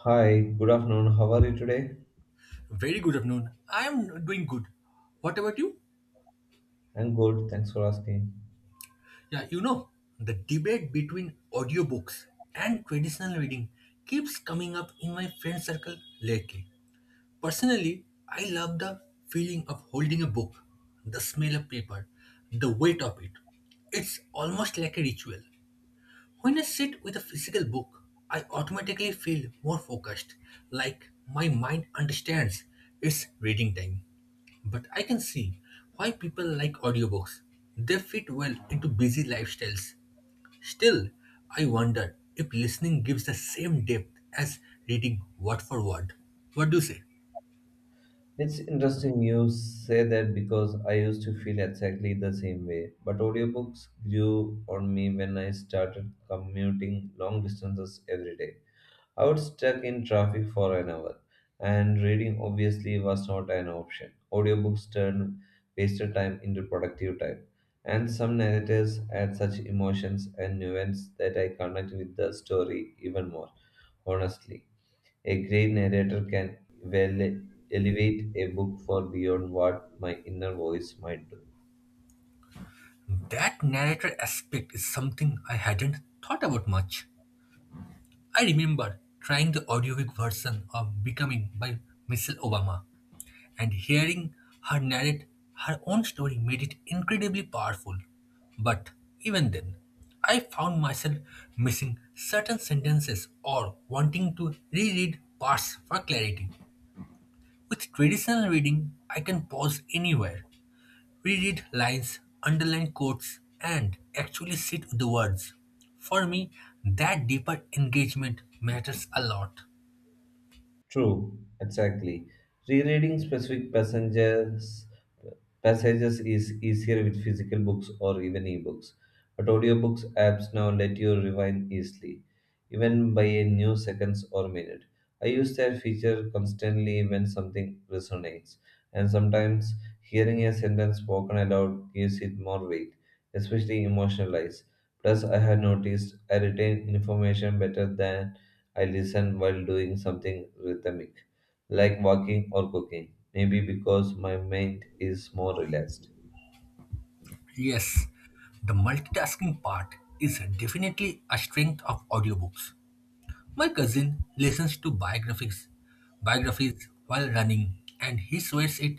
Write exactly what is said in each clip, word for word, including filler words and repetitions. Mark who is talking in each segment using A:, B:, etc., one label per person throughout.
A: Hi, good afternoon. How are you today?
B: Very good afternoon. I am doing good. What about you?
A: I'm good. Thanks for asking.
B: Yeah, you know, the debate between audiobooks and traditional reading keeps coming up in my friend circle lately. Personally, I love the feeling of holding a book, the smell of paper, the weight of it. It's almost like a ritual. When I sit with a physical book, I automatically feel more focused, like my mind understands it's reading time. But I can see why people like audiobooks. They fit well into busy lifestyles. Still, I wonder if listening gives the same depth as reading word for word. What do you say?
A: It's interesting you say that because I used to feel exactly the same way. But audiobooks grew on me when I started commuting long distances every day. I was stuck in traffic for an hour, and reading obviously was not an option. Audiobooks turned wasted time into productive time. And some narrators add such emotions and nuance that I connect with the story even more, honestly. A great narrator can well elevate a book for beyond what my inner voice might do.
B: That narrator aspect is something I hadn't thought about much. I remember trying the audiobook version of Becoming by Michelle Obama, and hearing her narrate her own story made it incredibly powerful. But even then, I found myself missing certain sentences or wanting to reread parts for clarity. With traditional reading, I can pause anywhere, reread lines, underline quotes, and actually sit with the words. For me, that deeper engagement matters a lot.
A: True, exactly. Rereading specific passengers passages is easier with physical books or even ebooks. But audiobooks apps now let you rewind easily, even by a new seconds or minute. I use that feature constantly when something resonates, and sometimes hearing a sentence spoken aloud gives it more weight, especially emotionalized. Plus, I have noticed I retain information better than I listen while doing something rhythmic, like walking or cooking, maybe because my mind is more relaxed.
B: Yes, the multitasking part is definitely a strength of audiobooks. My cousin listens to biographies, biographies while running, and he swears it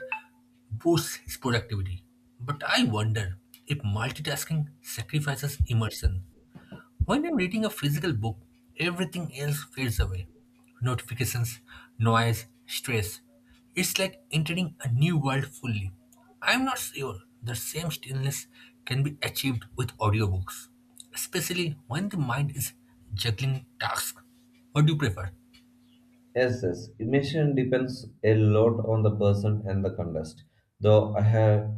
B: boosts his productivity. But I wonder if multitasking sacrifices immersion. When I'm reading a physical book, everything else fades away: notifications, noise, stress. It's like entering a new world fully. I'm not sure the same stillness can be achieved with audiobooks, especially when the mind is juggling tasks. What do you prefer?
A: Yes, yes, immersion depends a lot on the person and the context, though I have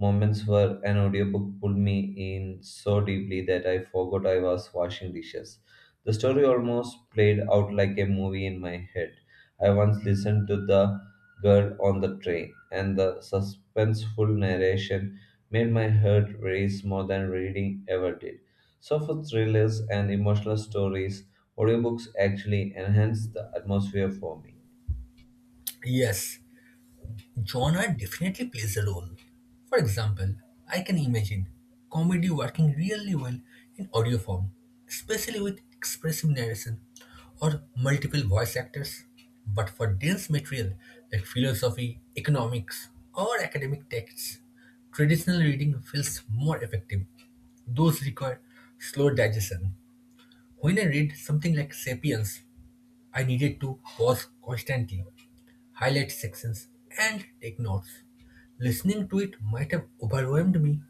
A: moments where an audiobook pulled me in so deeply that I forgot I was washing dishes. The story almost played out like a movie in my head. I once listened to The Girl on the Train, and the suspenseful narration made my heart race more than reading ever did. So, for thrillers and emotional stories, audiobooks actually enhance the atmosphere for me.
B: Yes, genre definitely plays a role. For example, I can imagine comedy working really well in audio form, especially with expressive narration or multiple voice actors. But for dense material like philosophy, economics, or academic texts, traditional reading feels more effective. Those require slow digestion. When I read something like Sapiens, I needed to pause constantly, highlight sections, and take notes. Listening to it might have overwhelmed me.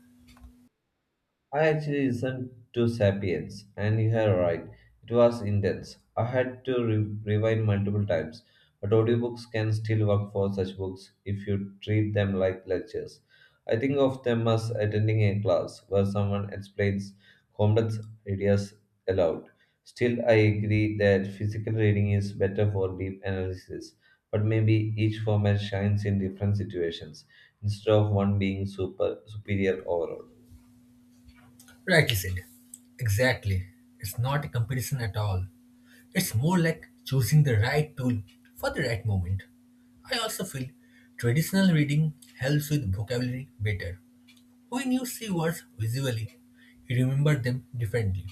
A: I actually listened to Sapiens, and you are right, it was intense. I had to re- rewind multiple times, but audiobooks can still work for such books if you treat them like lectures. I think of them as attending a class where someone explains complex ideas aloud. Still, I agree that physical reading is better for deep analysis, but maybe each format shines in different situations instead of one being super superior overall.
B: Rightly said. Exactly. It's not a competition at all. It's more like choosing the right tool for the right moment. I also feel traditional reading helps with vocabulary better. When you see words visually, you remember them differently.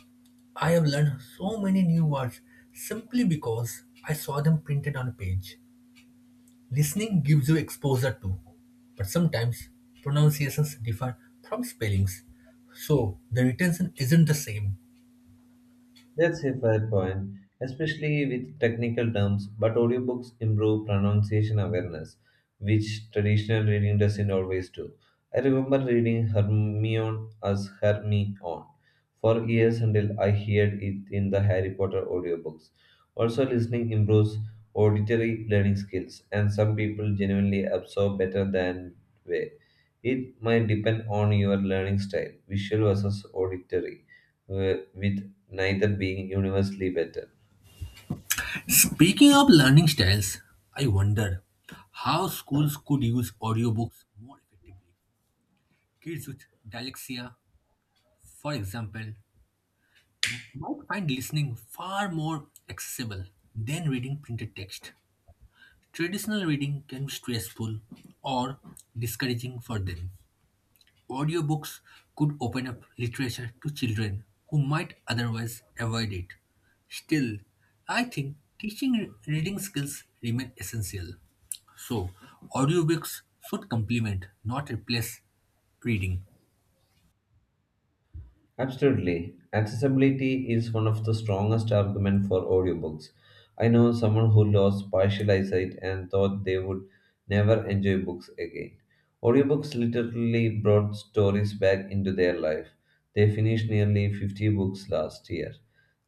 B: I have learned so many new words simply because I saw them printed on a page. Listening gives you exposure to, but sometimes pronunciations differ from spellings, so the retention isn't the same.
A: That's a fair point, especially with technical terms, but audiobooks improve pronunciation awareness, which traditional reading doesn't always do. I remember reading Hermione as Hermione for years until I heard it in the Harry Potter audiobooks. Also, listening improves auditory learning skills, and some people genuinely absorb better than way. It might depend on your learning style, visual versus auditory, wh- with neither being universally better.
B: Speaking of learning styles, I wonder how schools could use audiobooks more effectively. Kids with dyslexia, for example, m- might find listening far more accessible than reading printed text. Traditional reading can be stressful or discouraging for them. Audiobooks could open up literature to children who might otherwise avoid it. Still, I think teaching re- reading skills remain essential. So, audiobooks should complement, not replace reading.
A: Absolutely. Accessibility is one of the strongest arguments for audiobooks. I know someone who lost partial eyesight and thought they would never enjoy books again. Audiobooks literally brought stories back into their life. They finished nearly fifty books last year.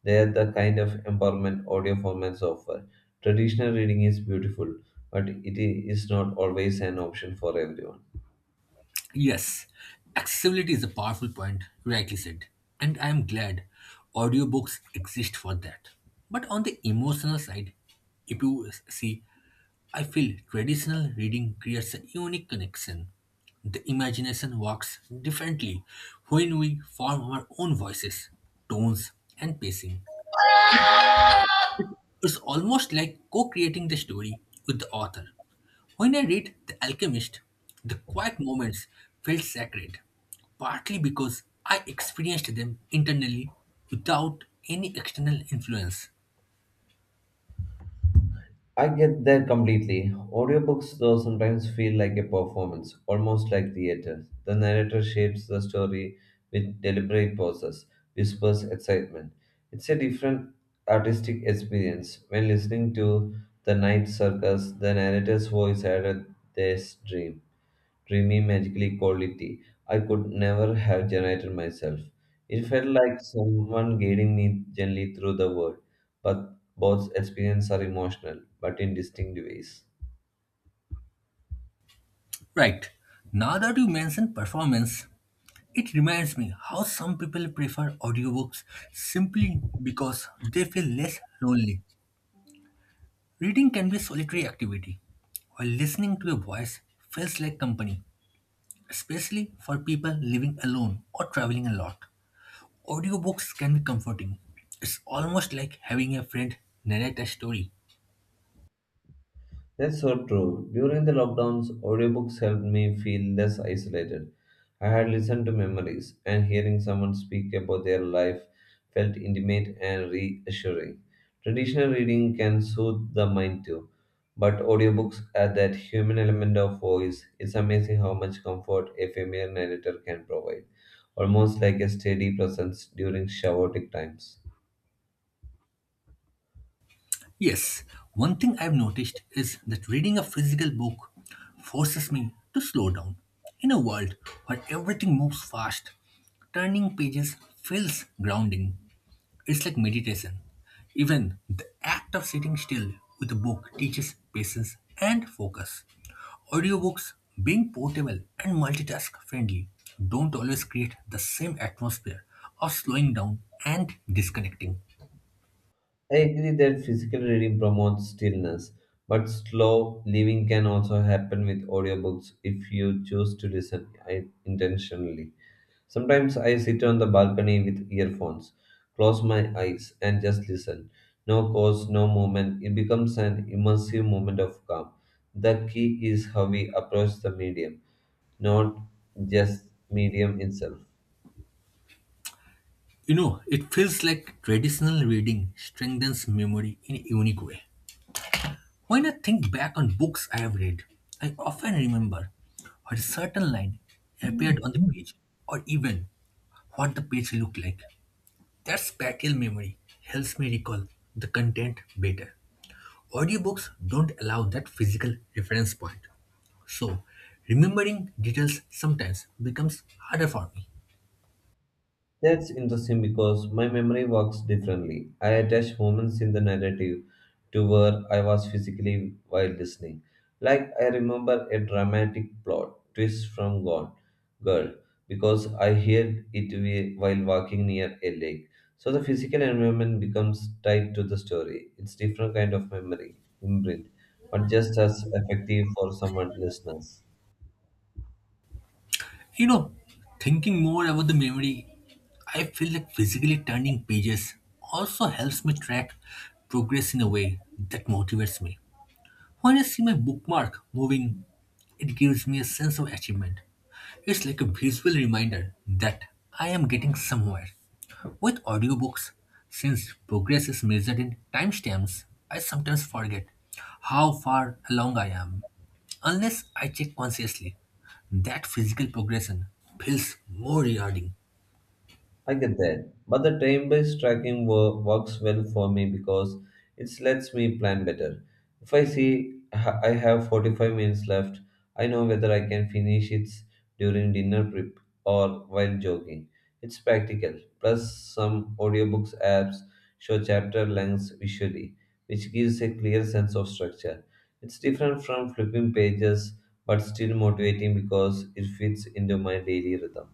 A: They are the kind of empowerment audio formats offer. Traditional reading is beautiful, but it is not always an option for everyone.
B: Yes, accessibility is a powerful point, rightly said. And I am glad audiobooks exist for that. But on the emotional side, if you see, I feel traditional reading creates a unique connection. The imagination works differently when we form our own voices, tones, and pacing. It- It's almost like co creating the story with the author. When I read The Alchemist, the quiet moments felt sacred, partly because I experienced them internally without any external influence.
A: I get that completely. Audiobooks, though, sometimes feel like a performance, almost like theater. The narrator shapes the story with deliberate pauses, whispers excitement. It's a different artistic experience. When listening to The Night Circus, the narrator's voice added this dream dreamy, magically quality I could never have generated myself. It felt like someone guiding me gently through the world, but both experiences are emotional, but in distinct ways.
B: Right, now that you mention performance, it reminds me how some people prefer audiobooks simply because they feel less lonely. Reading can be a solitary activity, while listening to a voice feels like company, especially for people living alone or traveling a lot. Audiobooks can be comforting. It's almost like having a friend narrate a story.
A: That's so true. During the lockdowns, audiobooks helped me feel less isolated. I had listened to memories, and hearing someone speak about their life felt intimate and reassuring. Traditional reading can soothe the mind too, but audiobooks add that human element of voice. It's amazing how much comfort a familiar narrator can provide, almost like a steady presence during chaotic times.
B: Yes, one thing I've noticed is that reading a physical book forces me to slow down. In a world where everything moves fast, turning pages feels grounding. It's like meditation. Even the act of sitting still with a book teaches patience and focus. Audiobooks, being portable and multitask friendly, don't always create the same atmosphere of slowing down and disconnecting.
A: I agree that physical reading promotes stillness, but slow living can also happen with audiobooks if you choose to listen i- intentionally. Sometimes I sit on the balcony with earphones, close my eyes, and just listen. No cause, no movement. It becomes an immersive moment of calm. The key is how we approach the medium, not just medium itself.
B: You know, it feels like traditional reading strengthens memory in a unique way. When I think back on books I have read, I often remember what a certain line appeared on the page or even what the page looked like. That spatial memory helps me recall the content better. Audiobooks don't allow that physical reference point. So, remembering details sometimes becomes harder for me.
A: That's interesting because my memory works differently. I attach moments in the narrative to where I was physically while listening. Like I remember a dramatic plot twist from Gone Girl because I heard it wi- while walking near a lake. So the physical environment becomes tied to the story. It's different kind of memory imprint, but just as effective for someone listeners.
B: You know, thinking more about the memory, I feel like physically turning pages also helps me track progress in a way that motivates me. When I see my bookmark moving, it gives me a sense of achievement. It's like a visual reminder that I am getting somewhere. With audiobooks, since progress is measured in timestamps, I sometimes forget how far along I am. Unless I check consciously, that physical progression feels more rewarding.
A: I get that. But the time-based tracking wo- works well for me because it lets me plan better. If I see ha- I have forty-five minutes left, I know whether I can finish it during dinner prep or while jogging. It's practical. Plus, some audiobooks apps show chapter lengths visually, which gives a clear sense of structure. It's different from flipping pages, but still motivating because it fits into my daily rhythm.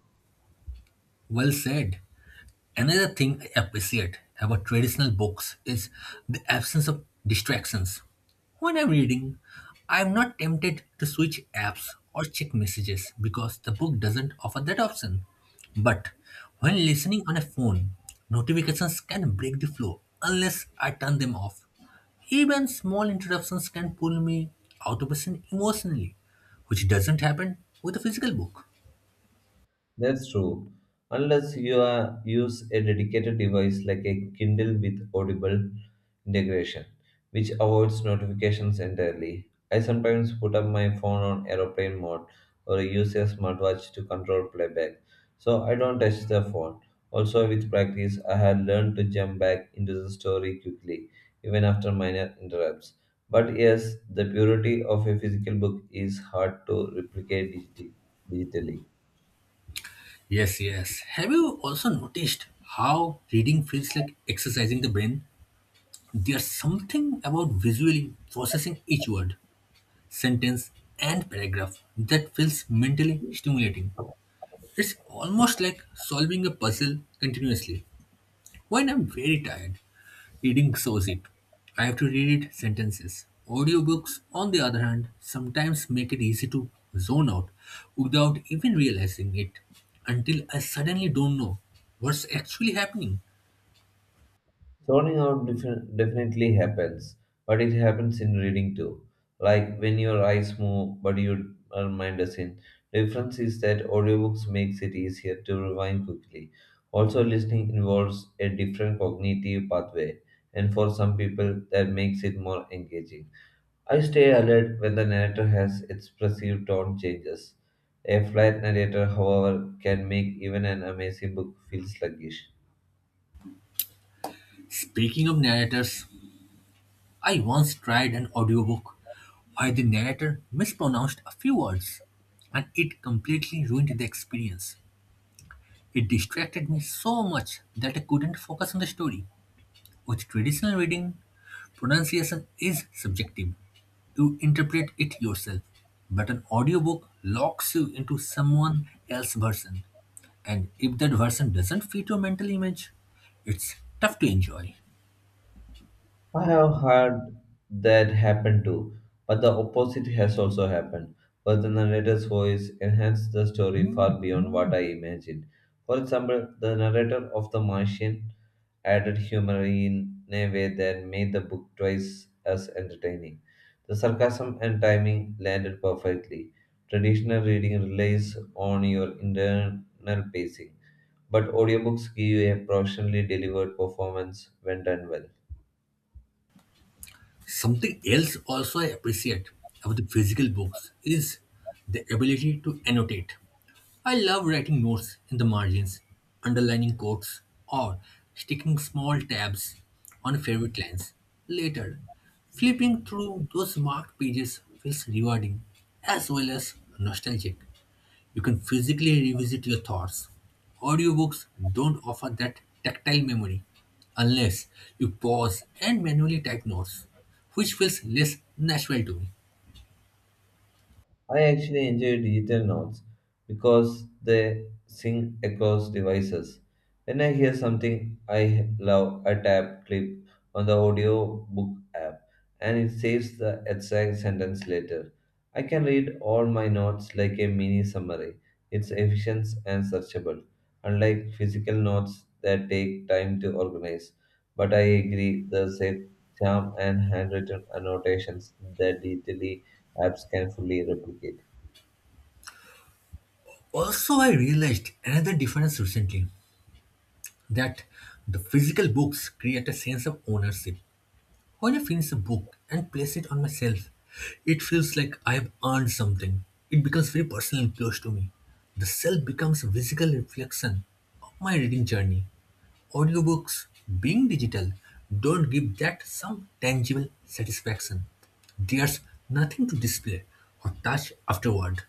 B: Well said. Another thing I appreciate about traditional books is the absence of distractions. When I'm reading, I'm not tempted to switch apps or check messages because the book doesn't offer that option. But when listening on a phone, notifications can break the flow unless I turn them off. Even small interruptions can pull me out of a scene emotionally, which doesn't happen with a physical book.
A: That's true. Unless you are, use a dedicated device like a Kindle with Audible integration, which avoids notifications entirely. I sometimes put up my phone on aeroplane mode or use a smartwatch to control playback, so I don't touch the phone. Also, with practice, I have learned to jump back into the story quickly, even after minor interrupts. But yes, the purity of a physical book is hard to replicate digi- digitally.
B: Yes, yes. Have you also noticed how reading feels like exercising the brain? There's something about visually processing each word, sentence, and paragraph that feels mentally stimulating. It's almost like solving a puzzle continuously. When I'm very tired, reading shows it. I have to read it sentences. Audiobooks, on the other hand, sometimes make it easy to zone out without even realizing it until I suddenly don't know what's actually happening.
A: Zoning out defi- definitely happens, but it happens in reading too. Like when your eyes move, but your uh, mind doesn't. The difference is that audiobooks makes it easier to rewind quickly. Also, listening involves a different cognitive pathway, and for some people, that makes it more engaging. I stay alert when the narrator has expressive tone changes. A flat narrator, however, can make even an amazing book feel sluggish.
B: Speaking of narrators, I once tried an audiobook where the narrator mispronounced a few words and it completely ruined the experience. It distracted me so much that I couldn't focus on the story. With traditional reading, pronunciation is subjective. You interpret it yourself. But an audiobook locks you into someone else's version. And if that version doesn't fit your mental image, it's tough to enjoy.
A: I have heard that happen too, but the opposite has also happened, where the narrator's voice enhanced the story far beyond what I imagined. For example, the narrator of The Martian added humor in a way that made the book twice as entertaining. The sarcasm and timing landed perfectly. Traditional reading relies on your internal pacing, but audiobooks give you a professionally delivered performance when done well.
B: Something else also I appreciate about the physical books is the ability to annotate. I love writing notes in the margins, underlining quotes, or sticking small tabs on favorite lines. Later, flipping through those marked pages feels rewarding as well as nostalgic. You can physically revisit your thoughts. Audiobooks don't offer that tactile memory unless you pause and manually type notes, which feels less natural to me.
A: I actually enjoy digital notes because they sync across devices. When I hear something I love, I tap clip on the audio book app and it saves the exact sentence later. I can read all my notes like a mini summary. It's efficient and searchable, unlike physical notes that take time to organize. But I agree, the same charm and handwritten annotations that digitally apps can fully replicate.
B: Also, I realized another difference recently, that the physical books create a sense of ownership. When I finish a book and place it on my shelf, it feels like I have earned something. It becomes very personal and close to me. The shelf becomes a physical reflection of my reading journey. Audiobooks, being digital, don't give that some tangible satisfaction. There's nothing to display or touch afterward.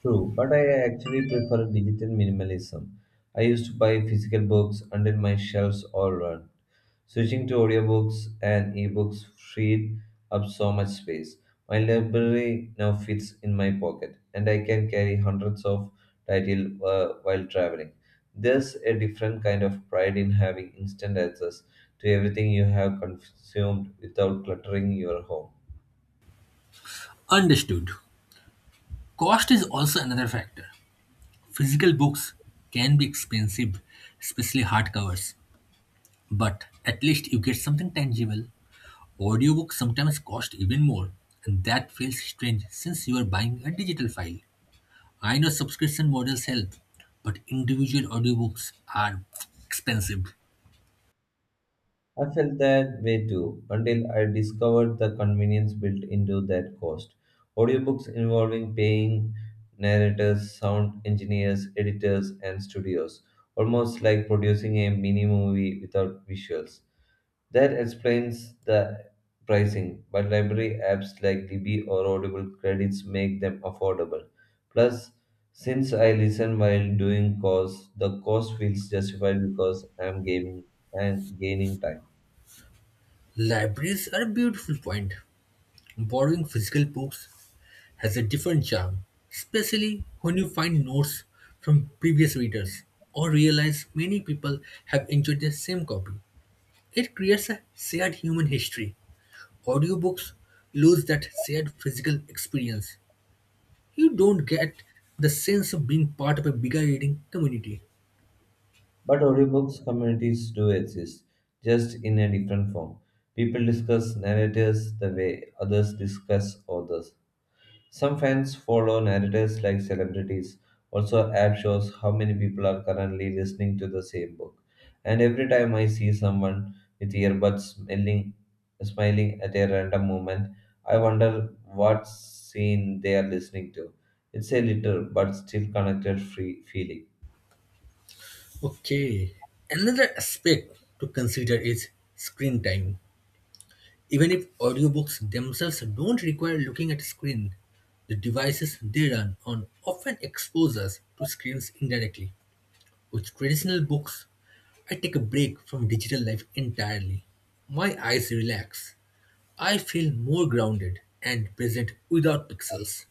A: True, but I actually prefer digital minimalism. I used to buy physical books until my shelves all run. Switching to audiobooks and ebooks freed up so much space. My library now fits in my pocket, and I can carry hundreds of titles uh, while traveling. There's a different kind of pride in having instant access to everything you have consumed without cluttering your home.
B: Understood. Cost is also another factor. Physical books can be expensive, especially hardcovers, but at least you get something tangible. Audiobooks sometimes cost even more, and that feels strange since you are buying a digital file. I know subscription models help, but individual audiobooks are expensive.
A: I felt that way too until I discovered the convenience built into that cost. Audiobooks involving paying narrators, sound engineers, editors, and studios, almost like producing a mini movie without visuals. That explains the pricing, but library apps like Libby or Audible credits make them affordable. Plus, since I listen while doing course, the cost feels justified because I'm gaming and gaining time.
B: Libraries are a beautiful point. Borrowing physical books has a different charm, especially when you find notes from previous readers or realize many people have enjoyed the same copy. It creates a shared human history. Audiobooks lose that shared physical experience. You don't get the sense of being part of a bigger reading community.
A: But audiobooks communities do exist, just in a different form. People discuss narrators the way others discuss authors. Some fans follow narrators like celebrities. Also, app shows how many people are currently listening to the same book. And every time I see someone with earbuds smiling, smiling at a random moment, I wonder what scene they are listening to. It's a little but still connected free feeling.
B: Okay. Another aspect to consider is screen time. Even if audiobooks themselves don't require looking at a screen, the devices they run on often expose us to screens indirectly. With traditional books, I take a break from digital life entirely. My eyes relax, I feel more grounded and present without pixels.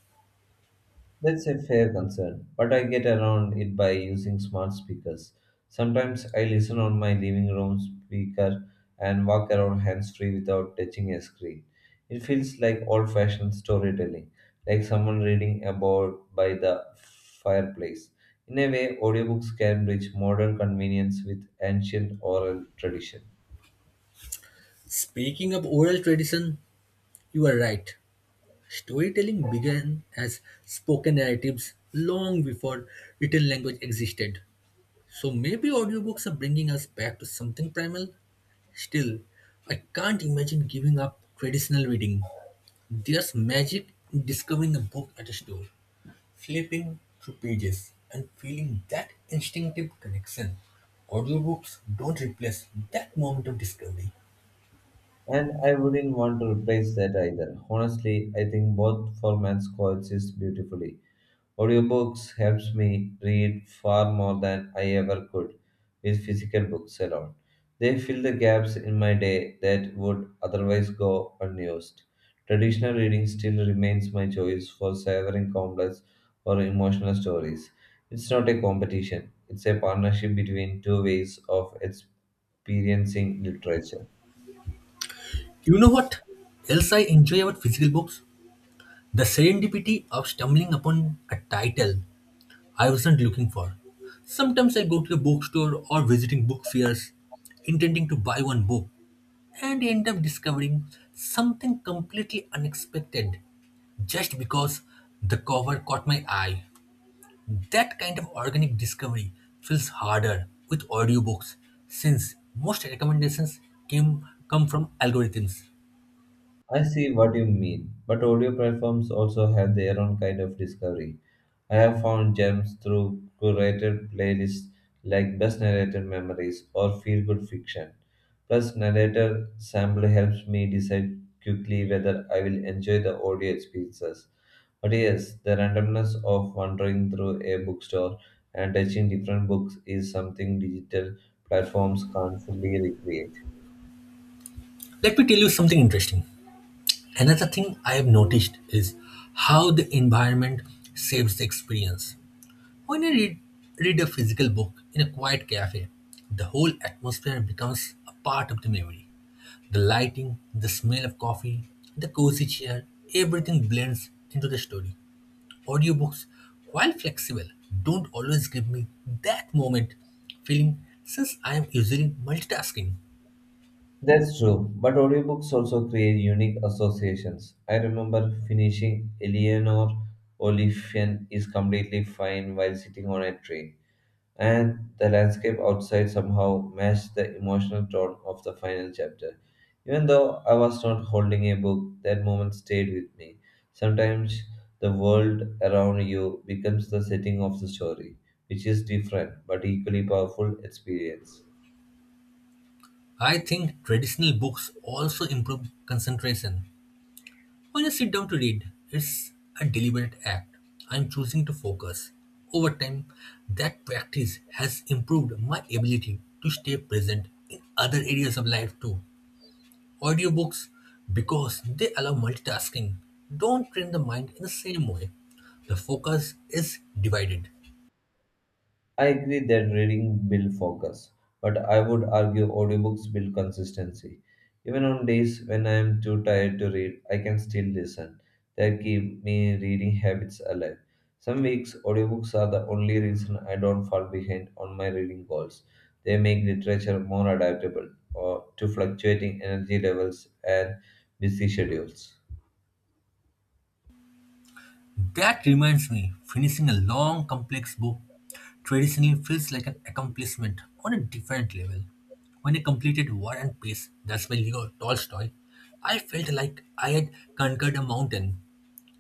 A: That's a fair concern, but I get around it by using smart speakers. Sometimes I listen on my living room speaker and walk around hands free without touching a screen. It feels like old fashioned storytelling, like someone reading about by the fireplace. In a way, audiobooks can bridge modern convenience with ancient oral tradition.
B: Speaking of oral tradition, you are right. Storytelling began as spoken narratives long before written language existed. So maybe audiobooks are bringing us back to something primal. Still, I can't imagine giving up traditional reading. There's magic in discovering a book at a store, flipping through pages and feeling that instinctive connection. Audiobooks don't replace that moment of discovery.
A: And I wouldn't want to replace that either. Honestly, I think both formats coexist beautifully. Audiobooks helps me read far more than I ever could with physical books alone. They fill the gaps in my day that would otherwise go unused. Traditional reading still remains my choice for savoring complex or emotional stories. It's not a competition, it's a partnership between two ways of experiencing literature.
B: You know what else I enjoy about physical books? The serendipity of stumbling upon a title I wasn't looking for. Sometimes I go to a bookstore or visiting book fairs intending to buy one book and end up discovering something completely unexpected just because the cover caught my eye. That kind of organic discovery feels harder with audiobooks since most recommendations came come from algorithms.
A: I see what you mean, but audio platforms also have their own kind of discovery. I have found gems through curated playlists like Best Narrated Memories or Feel Good Fiction. Plus, narrator sample helps me decide quickly whether I will enjoy the audio experiences. But yes, the randomness of wandering through a bookstore and touching different books is something digital platforms can't fully recreate.
B: Let me tell you something interesting. Another thing I have noticed is how the environment saves the experience. When I read, read a physical book in a quiet cafe, the whole atmosphere becomes a part of the memory. The lighting, the smell of coffee, the cozy chair, everything blends into the story. Audiobooks, while flexible, don't always give me that moment feeling since I am usually multitasking.
A: That's true, but audiobooks also create unique associations. I remember finishing Eleanor Oliphant is completely fine while sitting on a train, and the landscape outside somehow matched the emotional tone of the final chapter. Even though I was not holding a book, that moment stayed with me. Sometimes the world around you becomes the setting of the story, which is different but equally powerful experience.
B: I think traditional books also improve concentration. When I sit down to read, it's a deliberate act. I'm choosing to focus. Over time, that practice has improved my ability to stay present in other areas of life too. Audiobooks, because they allow multitasking, don't train the mind in the same way. The focus is divided.
A: I agree that reading builds focus, but I would argue audiobooks build consistency. Even on days when I am too tired to read, I can still listen. That keep me reading habits alive. Some weeks, audiobooks are the only reason I don't fall behind on my reading goals. They make literature more adaptable or to fluctuating energy levels and busy schedules.
B: That reminds me, finishing a long, complex book traditionally feels like an accomplishment on a different level. When I completed War and Peace, that's by Leo Tolstoy, I felt like I had conquered a mountain.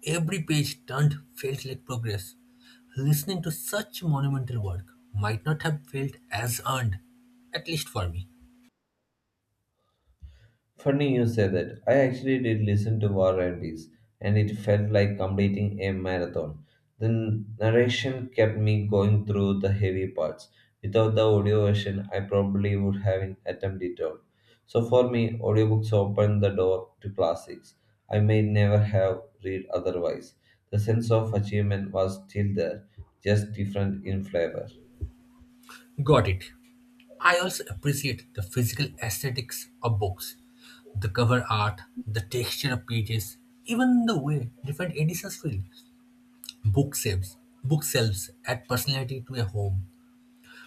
B: Every page turned felt like progress. Listening to such monumental work might not have felt as earned, at least for me.
A: Funny you say that. I actually did listen to War and Peace, and it felt like completing a marathon. The narration kept me going through the heavy parts. Without the audio version, I probably would have attempted it all. So for me, audiobooks open the door to classics I may never have read otherwise. The sense of achievement was still there, just different in flavor.
B: Got it. I also appreciate the physical aesthetics of books, the cover art, the texture of pages, even the way different editions feel. Book shelves, bookshelves add personality to a home.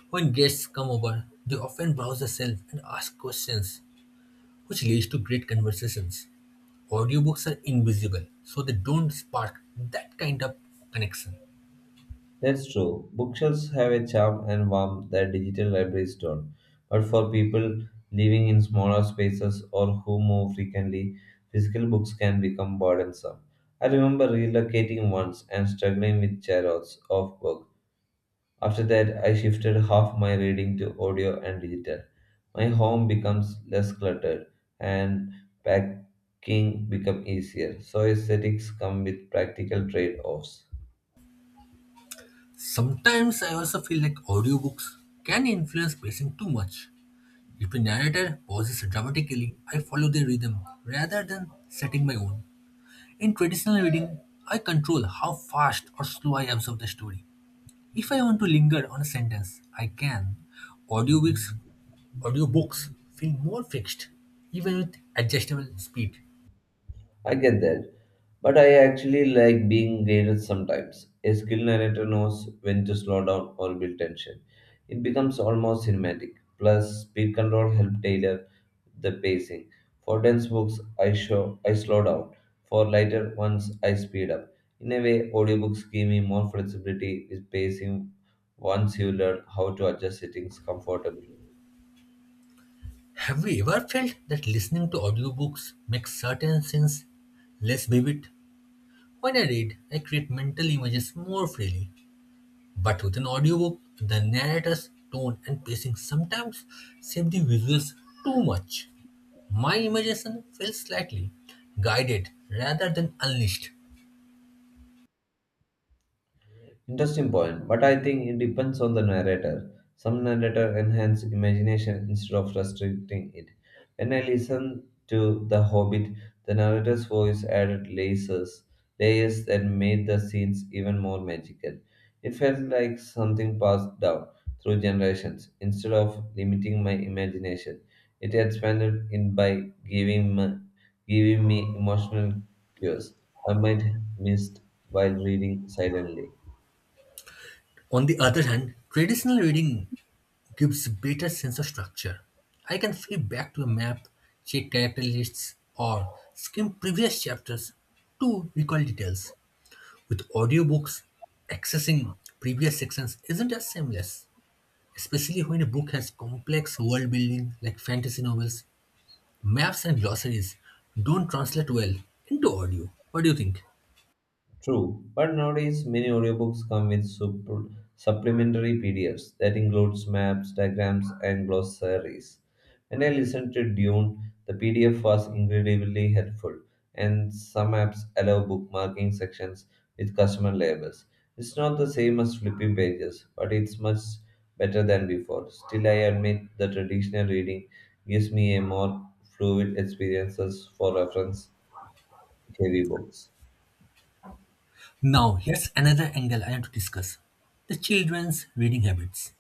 B: When guests come over, they often browse the shelf and ask questions, which leads to great conversations. Audiobooks are invisible, so they don't spark that kind of connection.
A: That's true. Bookshelves have a charm and warmth that digital libraries don't. But for people living in smaller spaces or who move frequently, physical books can become burdensome. I remember relocating once and struggling with chariots of books. After that, I shifted half my reading to audio and digital. My home becomes less cluttered and packing become easier. So aesthetics come with practical trade-offs.
B: Sometimes I also feel like audiobooks can influence pacing too much. If a narrator pauses dramatically, I follow the rhythm rather than setting my own. In traditional reading, I control how fast or slow I absorb the story. If I want to linger on a sentence, I can. Audiobooks, audiobooks feel more fixed, even with adjustable speed.
A: I get that. But I actually like being guided sometimes. A skilled narrator knows when to slow down or build tension. It becomes almost cinematic. Plus, speed control helps tailor the pacing. For dense books, I show I slow down. For lighter ones, I speed up. In a way, audiobooks give me more flexibility with pacing once you learn how to adjust settings comfortably.
B: Have you ever felt that listening to audiobooks makes certain scenes less vivid? When I read, I create mental images more freely. But with an audiobook, the narrator's tone and pacing sometimes save the visuals too much. My imagination feels slightly guided rather than unleashed.
A: Interesting point, but I think it depends on the narrator. Some narrator enhance imagination instead of restricting it. When I listen to The Hobbit, the narrator's voice added layers, layers that made the scenes even more magical. It felt like something passed down through generations. Instead of limiting my imagination, it expanded it by giving me, giving me emotional cues I might missed while reading silently.
B: On the other hand, traditional reading gives better sense of structure. I can flip back to a map, check character lists, or skim previous chapters to recall details. With audiobooks, accessing previous sections isn't as seamless, especially when a book has complex world building like fantasy novels, maps and glossaries don't translate well into audio. What do you think?
A: True, but nowadays many audiobooks come with sup- supplementary P D Fs that includes maps, diagrams, and glossaries. When I listened to Dune, the P D F was incredibly helpful, and some apps allow bookmarking sections with customer labels. It's not the same as flipping pages, but it's much better than before. Still, I admit the traditional reading gives me a more fluid experiences for reference heavy books.
B: Now, here's another angle I want to discuss: the children's reading habits.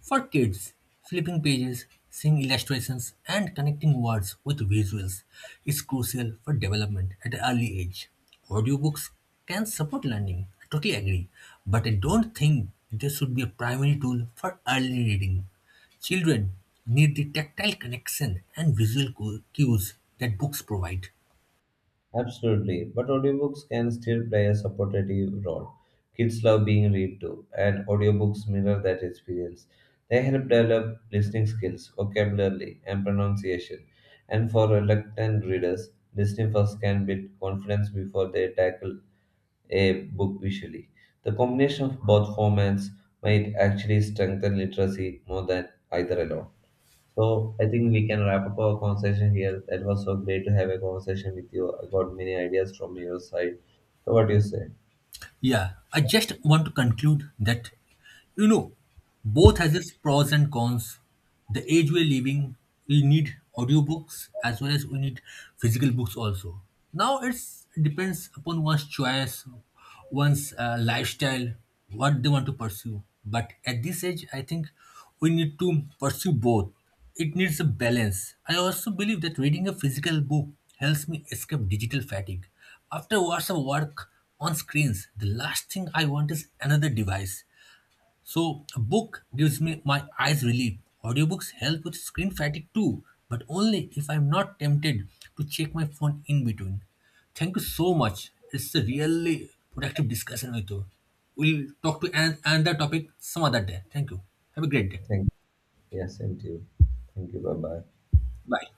B: For kids, flipping pages, seeing illustrations, and connecting words with visuals is crucial for development at an early age. Audiobooks can support learning, I totally agree, but I don't think they should be a primary tool for early reading. Children need the tactile connection and visual cu- cues that books provide.
A: Absolutely, but audiobooks can still play a supportive role. Kids love being read to, and audiobooks mirror that experience. They help develop listening skills, vocabulary, and pronunciation. And for reluctant readers, listening first can build confidence before they tackle a book visually. The combination of both formats might actually strengthen literacy more than either alone. So I think we can wrap up our conversation here. That was so great to have a conversation with you. I got many ideas from your side. So what do you say?
B: Yeah, I just want to conclude that, you know, both has its pros and cons. The age we're living, we need audiobooks as well as we need physical books also. Now it's depends upon one's choice, one's uh, lifestyle, what they want to pursue. But at this age, I think we need to pursue both. It needs a balance. I also believe that reading a physical book helps me escape digital fatigue. After hours of work on screens, the last thing I want is another device. So, a book gives me my eyes relief. Audiobooks help with screen fatigue too, but only if I'm not tempted to check my phone in between. Thank you so much. It's a really productive discussion with you. We'll talk to an- another topic some other day. Thank you. Have a great day.
A: Thank Yes, same to you. Thank you. Bye bye.
B: Bye.